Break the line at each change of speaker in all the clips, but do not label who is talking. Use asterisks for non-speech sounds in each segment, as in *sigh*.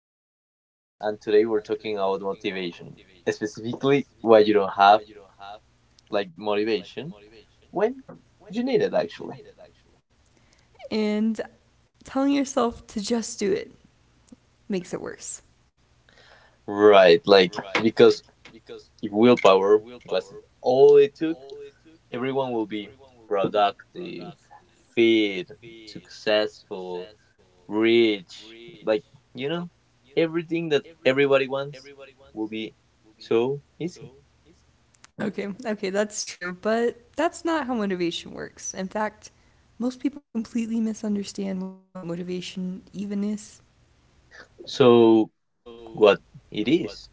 Brad and today we're talking about motivation, specifically why you don't have like motivation when you need it actually.
And telling yourself to just do it makes it worse.
Right, like because if willpower was it all it took, everyone will be productive, fit, successful, rich, like you know, everything that everybody wants will be so easy.
Okay, okay, that's true, but that's not how motivation works. In fact, most people completely misunderstand what motivation even is.
So what it is.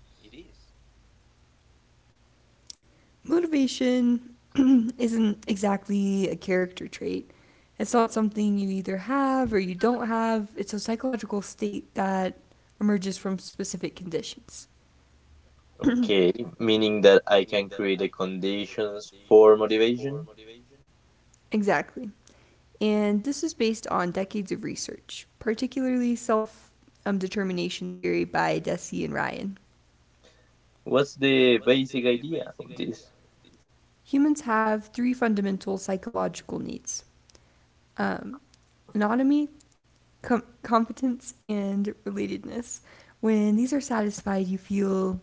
Motivation *clears throat* isn't exactly a character trait. It's not something you either have or you don't have. It's a psychological state that emerges from specific conditions.
Okay, meaning that I can create the conditions for motivation?
Exactly. And this is based on decades of research, particularly self determination theory by Desi and Ryan.
What's the basic idea of this?
Humans have three fundamental psychological needs, um, anatomy, competence, and relatedness. When these are satisfied, you feel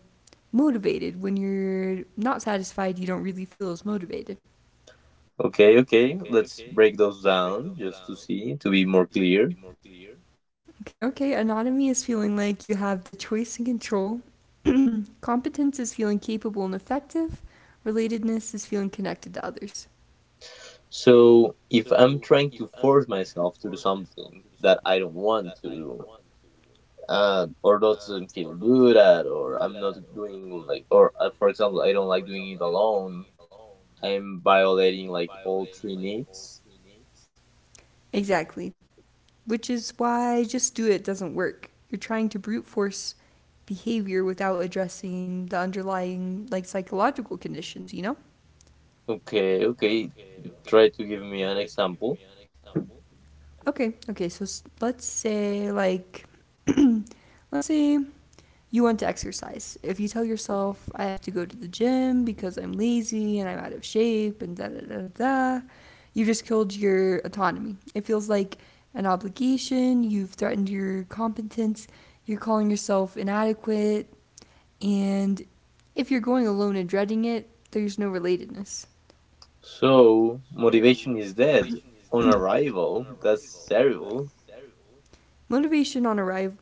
motivated. When you're not satisfied, you don't really feel as motivated.
Okay, okay, let's break those down just to see, to be more clear.
Okay, okay. Autonomy is feeling like you have the choice and control. Competence is feeling capable and effective. Relatedness is feeling connected to others.
So, if I'm trying to force myself to do something that I don't want to do, or doesn't feel good at, or I'm not doing like, or for example, I don't like doing it alone, I'm violating like all three needs.
Exactly. Which is why just do it doesn't work. You're trying to brute force behavior without addressing the underlying like psychological conditions, you know?
Okay, okay, try to give me an example.
Okay, okay, so let's say like let's say you want to exercise. If you tell yourself, I have to go to the gym because I'm lazy and I'm out of shape and da da da da, you just killed your autonomy. It feels like an obligation, you've threatened your competence, you're calling yourself inadequate, and if you're going alone and dreading it, there's no relatedness.
So motivation is dead on arrival. That's terrible.
Motivation on arrival.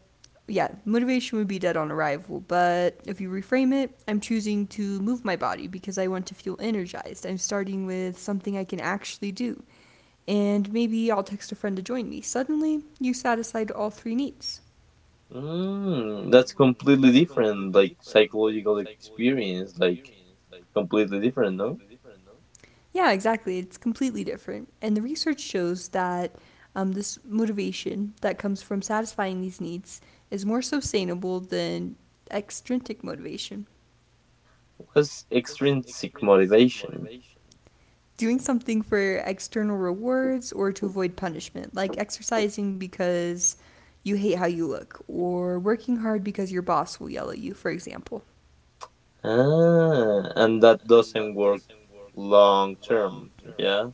Yeah, motivation would be dead on arrival, but if you reframe it, I'm choosing to move my body because I want to feel energized. I'm starting with something I can actually do, and maybe I'll text a friend to join me. Suddenly, you satisfied all three needs.
That's completely different, like psychological experience, like completely different, no?
Yeah, exactly. It's completely different. And the research shows that, this motivation that comes from satisfying these needs is more sustainable than extrinsic motivation.
What's extrinsic motivation?
Doing something for external rewards or to avoid punishment, like exercising because you hate how you look, or working hard because your boss will yell at you, for example.
Ah, and that doesn't work long term, yeah?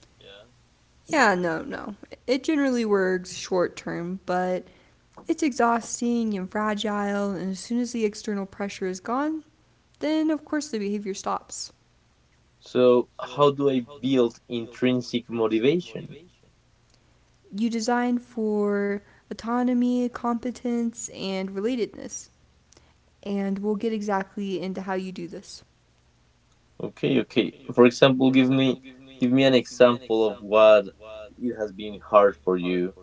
Yeah, no, no. It generally works short term, but it's exhausting and fragile, and as soon as the external pressure is gone, then of course the behavior stops.
So how do I build intrinsic motivation?
You design for autonomy, competence, and relatedness, and we'll get exactly into how you do this.
Okay, okay. For example, give me an example of what it has been hard for you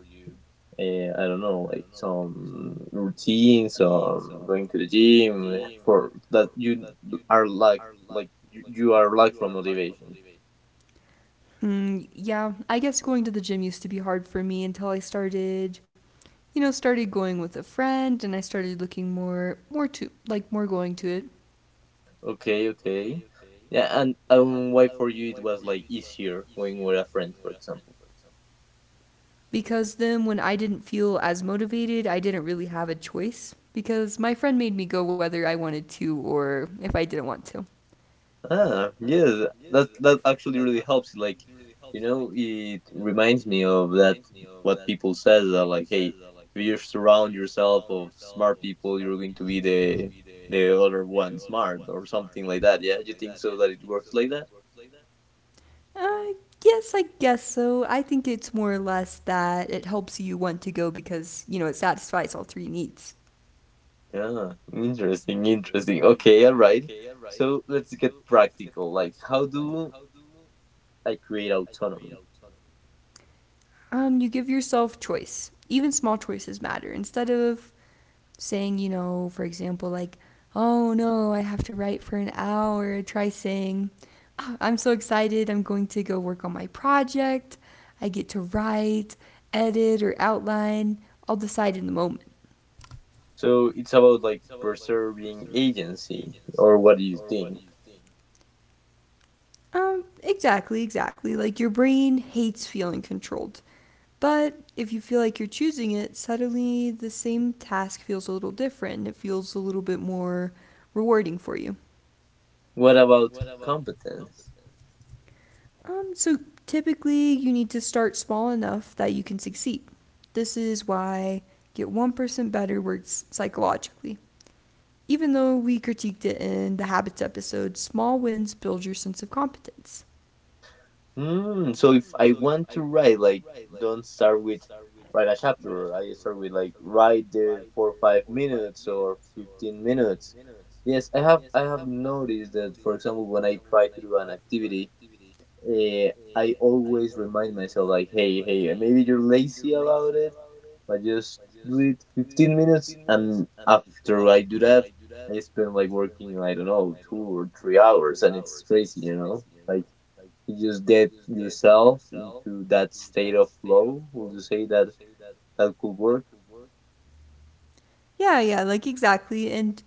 uh, I don't know, like some routines, going to the gym for that you are like you are like from motivation.
Mm, yeah, I guess going to the gym used to be hard for me until I started, you know, started going with a friend and I started looking more, more going to it.
Okay, okay, yeah, and why for you it was like easier going with a friend, for example.
Because then when I didn't feel as motivated, I didn't really have a choice because my friend made me go whether I wanted to or if I didn't want to.
Ah, yes, that actually really helps. Like, it reminds me of that what people says are like, hey, if you surround yourself of smart people, you're going to be the other one smart or something like that. Yeah, you think so that it works like that?
Uh, yes, I guess so. I think it's more or less that it helps you want to go because, you know, it satisfies all three needs.
Yeah, interesting, interesting. Okay, all right. So let's get practical. Like, how do I create autonomy?
You give yourself choice. Even small choices matter. Instead of saying, you know, for example, like, oh no, I have to write for an hour, try saying, "Ah, I'm so excited, I'm going to go work on my project. I get to write, edit, or outline. I'll decide in the moment."
So it's about like preserving agency, or what do you think?
Exactly, exactly. Like your brain hates feeling controlled. But if you feel like you're choosing it, suddenly the same task feels a little different. It feels a little bit more rewarding for you.
What about competence?
So typically, you need to start small enough that you can succeed. This is why Get 1% Better works psychologically. Even though we critiqued it in the habits episode, small wins build your sense of competence.
So if I want to write, like, don't start with write a chapter, right? I start with like write the 4 or 5 minutes or 15 minutes. Yes, I have noticed that. For example, when I try to do an activity, uh, I always remind myself like, hey, hey, maybe you're lazy about it, but just do it 15 minutes, and after I do that, I spend like working, I don't know, 2 or 3 hours, and it's crazy, like you just get yourself into that state of flow. Would you say that could work?
Yeah, yeah, like exactly. And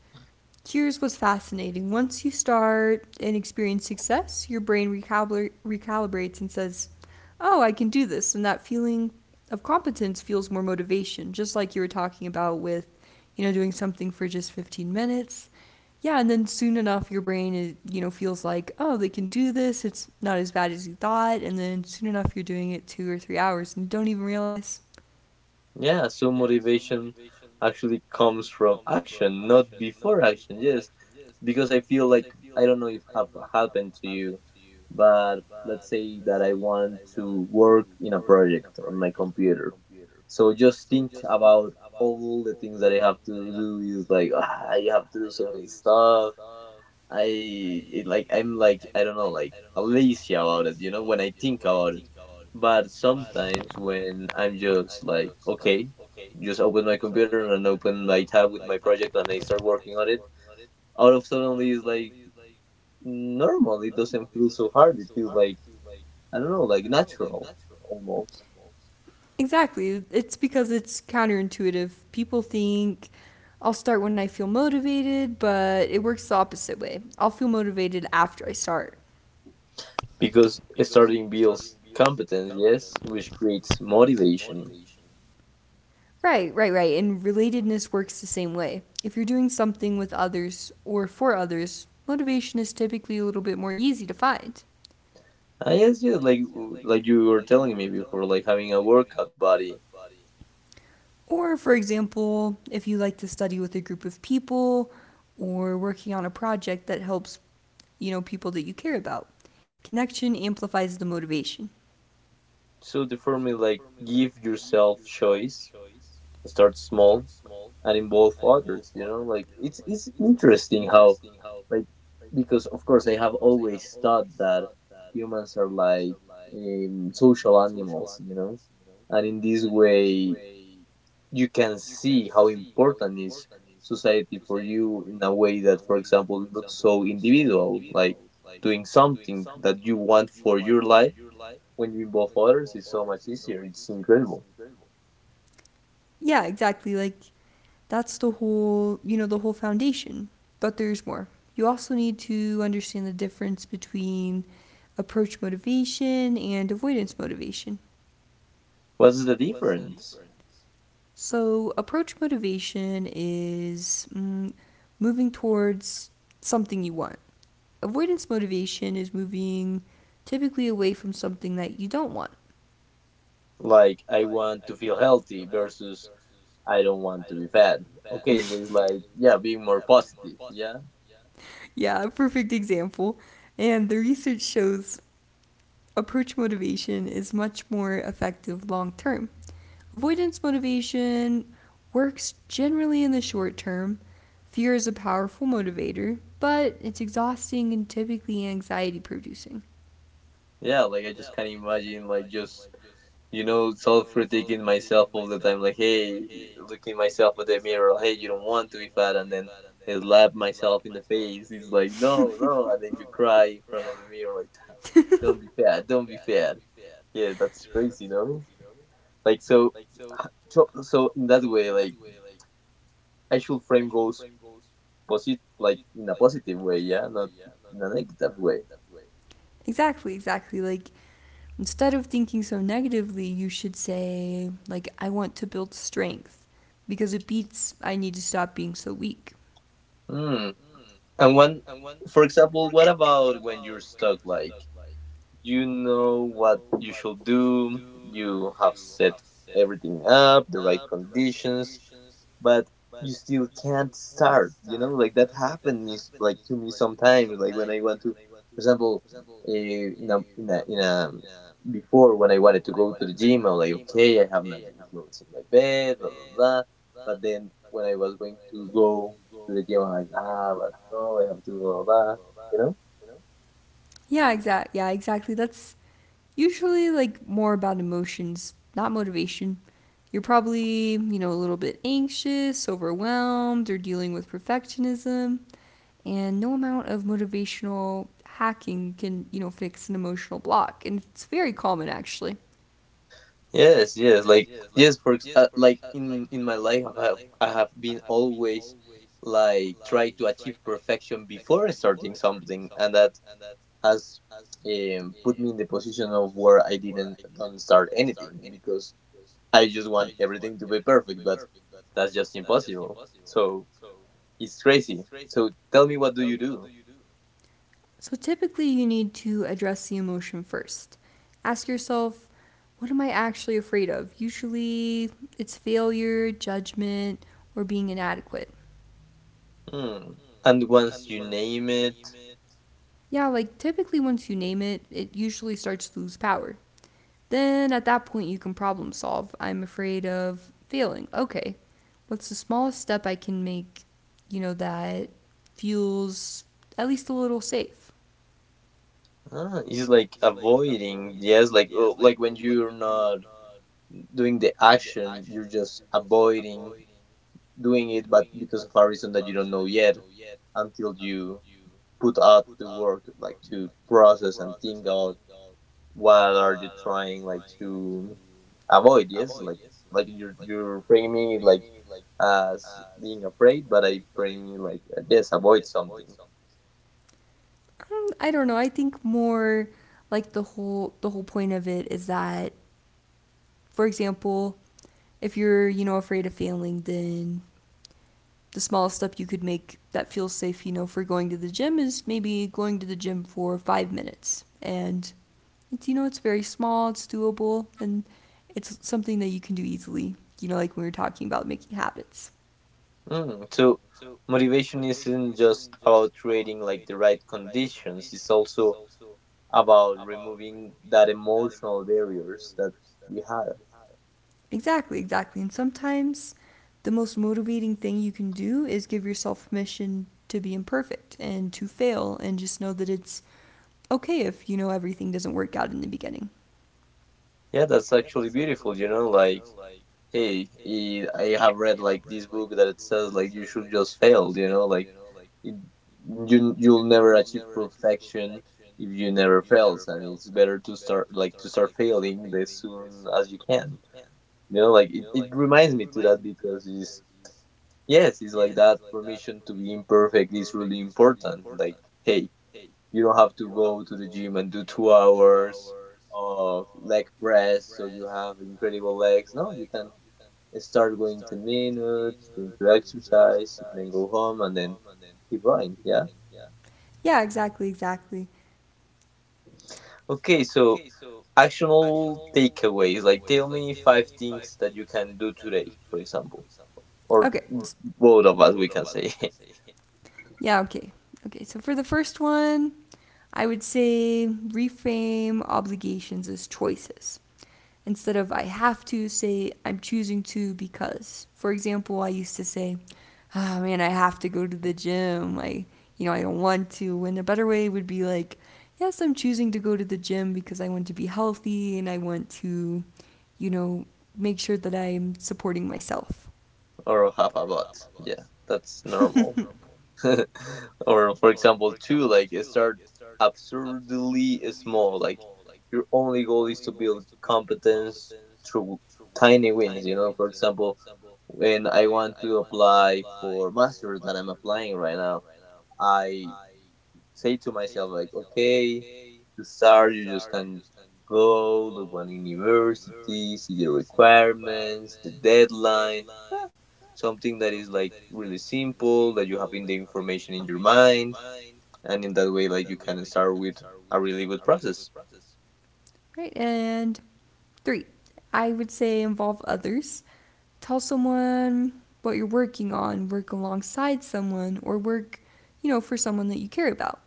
here's what's fascinating. Once you start and experience success, your brain recalibrates and says, oh, I can do this. And that feeling of competence feels more motivation, just like you were talking about with, you know, doing something for just 15 minutes. Yeah, and then soon enough, your brain, is, you know, feels like, oh, they can do this. It's not as bad as you thought. And then soon enough, you're doing it 2 or 3 hours and you don't even realize.
Yeah, so motivation actually comes from action, not before action. Yes, because I feel like I don't know if have happened to you, but let's say that I want to work in a project on my computer. So just think about all the things that I have to do. Is like I have to do so many stuff. Like I'm like I don't know like lazy about it. You know when I think about it, but sometimes when I'm just like, okay, just open my computer and open my tab with my project and I start working on it, out of suddenly it's like normal. It doesn't feel so hard. It feels like, I don't know, like natural almost.
Exactly. It's because it's counterintuitive. People think I'll start when I feel motivated, but it works the opposite way. I'll feel motivated after I start.
Because starting builds competence, yes, which creates motivation.
Right, right, right. And relatedness works the same way. If you're doing something with others or for others, motivation is typically a little bit more easy to find.
I guess, yes, like you were telling me before, like having a workout body.
Or, for example, if you like to study with a group of people or working on a project that helps, you know, people that you care about, connection amplifies the motivation.
So the formula, like, give yourself choice. Start small and involve others, like it's interesting how, like, because of course I have always thought that humans are like, social animals, and in this way you can see how important is society for you in a way that, for example, looks so individual, like doing something that you want for your life when you involve others is so much easier. It's incredible.
Yeah, exactly. Like that's the whole, you know, the whole foundation. But there's more. You also need to understand the difference between approach motivation and avoidance motivation.
What's the difference?
So, approach motivation is, moving towards something you want. Avoidance motivation is moving typically away from something that you don't want.
Like I want to feel healthy versus I don't want to be fat.
*laughs*
Okay, it's
*laughs* It
like yeah, being more positive. Yeah,
yeah, perfect example. And the research shows approach motivation is much more effective long term. Avoidance motivation works generally in the short term. Fear is a powerful motivator, but it's exhausting and typically anxiety producing.
yeah. Like I just can't imagine like just self critiquing myself all the time. Like hey, looking myself at
*laughs*
the mirror. Hey, you don't want to be fat, and then I slap myself in the face. It's like no, no, and then you cry in front of the mirror like "Damn, don't be fat, don't be fat." Yeah, that's crazy, no? Like so in that way, like I should frame goals posit like in a positive way, yeah, not in a negative way.
Exactly, exactly. Like instead of thinking so negatively, you should say, like, I want to build strength because it beats I need to stop being so weak.
Hmm. And when, for example, what about when you're stuck? Like you know what you should do, you have set everything up, the right conditions, but you still can't start. Like that happened me like to me sometimes, like when I went to, for example, in a before when I wanted to go to the gym I'm like okay I have my gym clothes in my bed blah blah blah, but then when I was going to go to the gym I'm like but no I have to do blah, blah, you know.
Yeah, exactly. That's usually like more about emotions, not motivation. You're probably, you know, a little bit anxious, overwhelmed, or dealing with perfectionism, and no amount of motivational hacking can, you know, fix an emotional block. And it's very common actually.
Yes, yes, like yes, like in my life, I have been always like try to achieve perfection before starting something, and that has put me in the position of where I didn't don't start anything because I just want everything to be perfect, but that's just impossible. So it's crazy. So tell me, what do you do?
So typically, you need to address the emotion first. Ask yourself, what am I actually afraid of? Usually, it's failure, judgment, or being inadequate.
Hmm. And once you name it,
Yeah, like typically, once you name it, it usually starts to lose power. Then at that point, you can problem solve. I'm afraid of failing. Okay, what's the smallest step I can make, you know, that feels at least a little safe?
ah, it's like avoiding. Yes, like oh, like when you're not doing the action you're just avoiding doing it but because of a reason that you don't know yet until you put out the work like to process and think out what are you trying like to avoid. Yes, like you're framing it like as being afraid but I frame it like yes avoid something.
I don't know. I think more like the whole point of it is that, for example, if you're you know afraid of failing, then the smallest step you could make that feels safe, you know, for going to the gym is maybe going to the gym for 5 minutes, and it's you know it's very small, it's doable, and it's something that you can do easily. You know, like we were talking about making habits.
So motivation isn't just about creating like the right conditions, it's also about removing that emotional barriers that we had.
Exactly, exactly. And sometimes the most motivating thing you can do is give yourself permission to be imperfect and to fail and just know that it's okay if you know everything doesn't work out in the beginning.
Yeah, that's actually beautiful, you know, like hey, it, I have read like this book that it says like you should just fail, you know, like it, you you'll never achieve perfection if you never fails and it's better to start failing as soon as you can. You know, like it reminds me to that because it's yes, it's like that permission to be imperfect is really important. Like, hey, you don't have to go to the gym and do 2 hours of leg press so you have incredible legs. No, you can start going 10 minutes doing two exercise and then go home and then keep going, yeah.
Yeah, exactly, exactly.
Okay, so actionable takeaways, like tell me five things that you can do today, for example, or
Okay.
both of us we can say. *laughs*
Yeah, okay. Okay, so for the first one, I would say reframe obligations as choices. Instead of I have to, say I'm choosing to because. For example, I used to say, ah, oh, man, I have to go to the gym. I, you know, I don't want to. When a better way would be like, yes, I'm choosing to go to the gym because I want to be healthy and I want to, you know, make sure that I'm supporting myself.
or half a bot, yeah,
Yeah,
that's
that's *laughs*
normal.
terrible.
*laughs* or for example two, like start absurdly small, like your only goal is to build competence through tiny wins, you know. For example, when I want to apply for masters that I'm applying right now, I say to myself like okay, to start you just can go look one university, see the requirements, the deadline. Ah, something that is like really simple that you have in the information in your mind, and in that way like you can start with a really good process.
Right, and three, I would say involve others. Tell someone what you're working on, work alongside someone, or work, you know, for someone that you care about.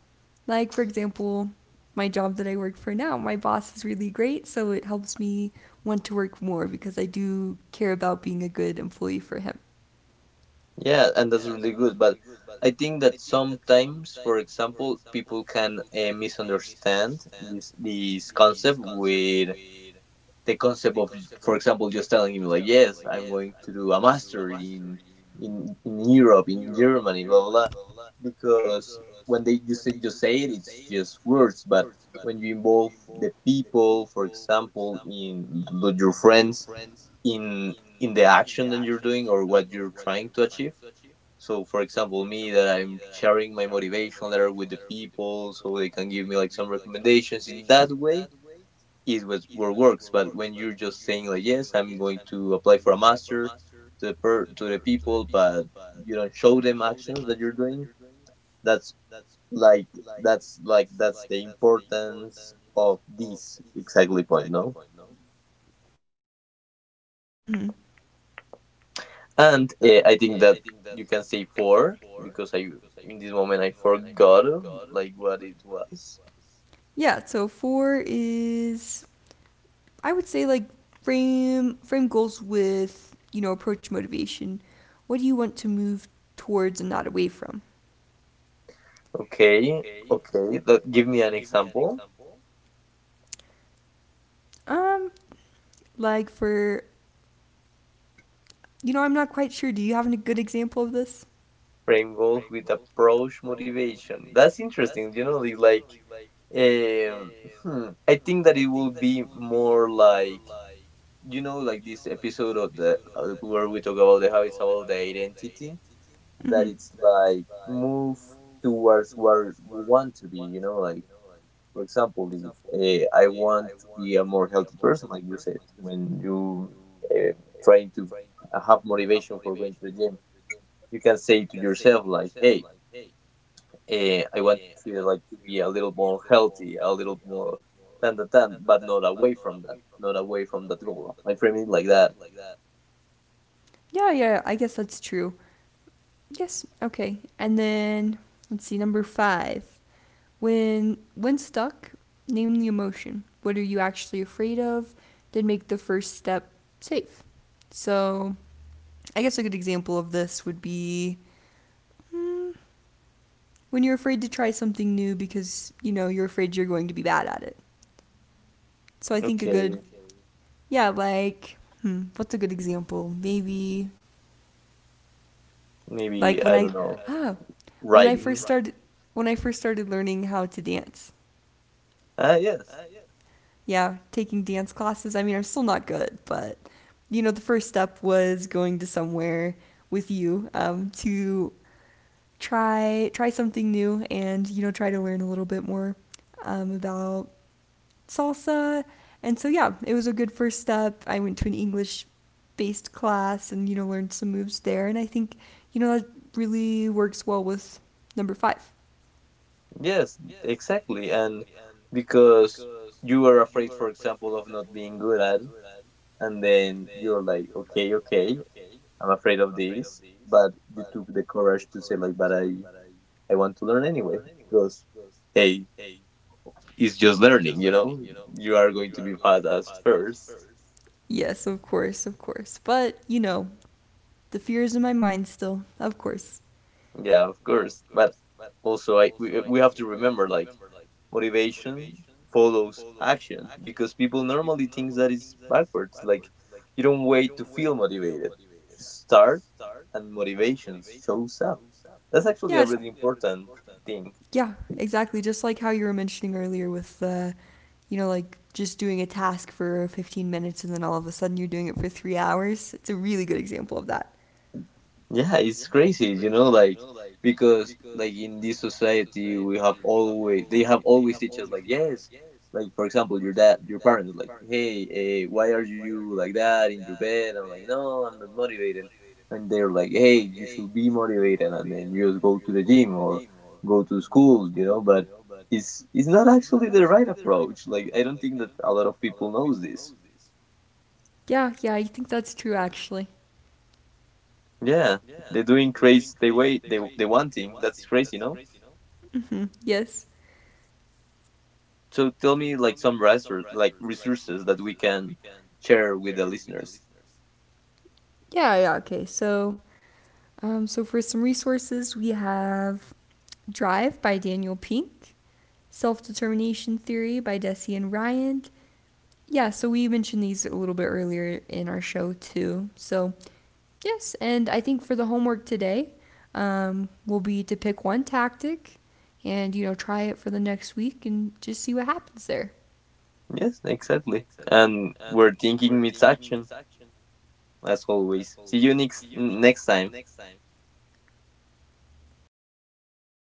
Like, for example, my job that I work for now, my boss is really great, so it helps me want to work more because I do care about being a good employee for him.
Yeah, and that's really good but I think that sometimes for example people can misunderstand this concept with the concept of, for example, just telling him like yes I'm going to do a master in in Europe in Germany blah blah, blah because when they just say it it's just words. But when you involve the people, for example, in your friends, in the action that you're doing or what you're trying to achieve. So for example me that I'm sharing my motivation letter with the people so they can give me like some recommendations in that way is what works. But when you're just saying like, yes, I'm going to apply for a master to the to the people, but you don't show them actions that you're doing. That's like that's the importance of this exactly point, no?
Mm hmm, mm hmm.
And I think that you can say four because I in this moment I forgot like what it was.
Yeah, so four is I would say like frame goals with you know approach motivation. What do you want to move towards and not away from?
Okay, okay. That, give me an example.
Um, like for you know I'm not quite sure. Do you have a good example of this?
Frame golf with approach motivation. That's interesting. You know, the, like, um, hmm, I think that it will be more like you know, like this episode of the where we talk about the how it's about the identity. That
Mm-hmm.
it's like move towards where you want to be. You know, like for example, if I want to be a more healthy person, like you said, when you uh, trying to have motivation for going to the gym, you can say to yourself like, "Hey, I want to treat it like to be a little more healthy, a little more than the tan, but not away from that, not away from that goal. I frame it like that."
Yeah, yeah. I guess that's true. Yes. Okay. And then let's see number five. When stuck, name the emotion. What are you actually afraid of? Then make the first step safe. So I guess a good example of this would be when you're afraid to try something new because you know you're afraid you're going to be bad at it. So I think a good,
Okay,
yeah, like hmm, what's a good example? Maybe like
maybe I don't know,
ah, when I first
writing.
started when I first started learning how to dance.
Ah, yes,
Yeah, taking dance classes. I mean, I'm still not good, but you know, the first step was going to somewhere with you to try something new and you know try to learn a little bit more about salsa. And so, yeah, it was a good first step. I went to an English based class and, you know, learned some moves there. And I think, you know, that really works well with number five.
yes, exactly. And because you were afraid, for example, of not being good at, and then you're like, okay, okay, I'm afraid of this, but you took the courage to say like, but I want to learn anyway because, hey, it's just learning, you know. You are going to be bad at first.
Yes, of course, of course. But, you know, the fear is in my mind still, of course.
Yeah, of course. But also, I we have to remember like motivation follows action because people normally think that it's backwards. Like you don't wait to feel motivated. You start, and motivation shows up. That's actually
Yeah,
a
just,
really important thing.
yeah, exactly. Just like how you were mentioning earlier with, you know, like just doing a task for 15 minutes and then all of a sudden you're doing it for 3 hours. It's a really good example of that.
Yeah, it's crazy, you know, like because like in this society we have always teach us like yes, like for example your dad your parents like hey why are you like that in your bed? I'm like no I'm not motivated, and they're like hey you should be motivated and then you just go to the gym or go to school, you know. But it's not actually the right approach. Like I don't think that a lot of people knows this.
Yeah, yeah, I think that's true actually.
Yeah, they're doing crazy. They wait. They wanting. That's crazy, no?
Mm-hmm. Yes.
So tell me like some resource like resources that we can share with the listeners.
Yeah, yeah, okay. So for some resources, we have Drive by Daniel Pink, Self Determination Theory by Desi and Ryan. Yeah, so we mentioned these a little bit earlier in our show too. So, yes, and I think for the homework today, will be to pick one tactic and, you know, try it for the next week and just see what happens there.
Yes, exactly. And we're thinking it's action as always. See you next time.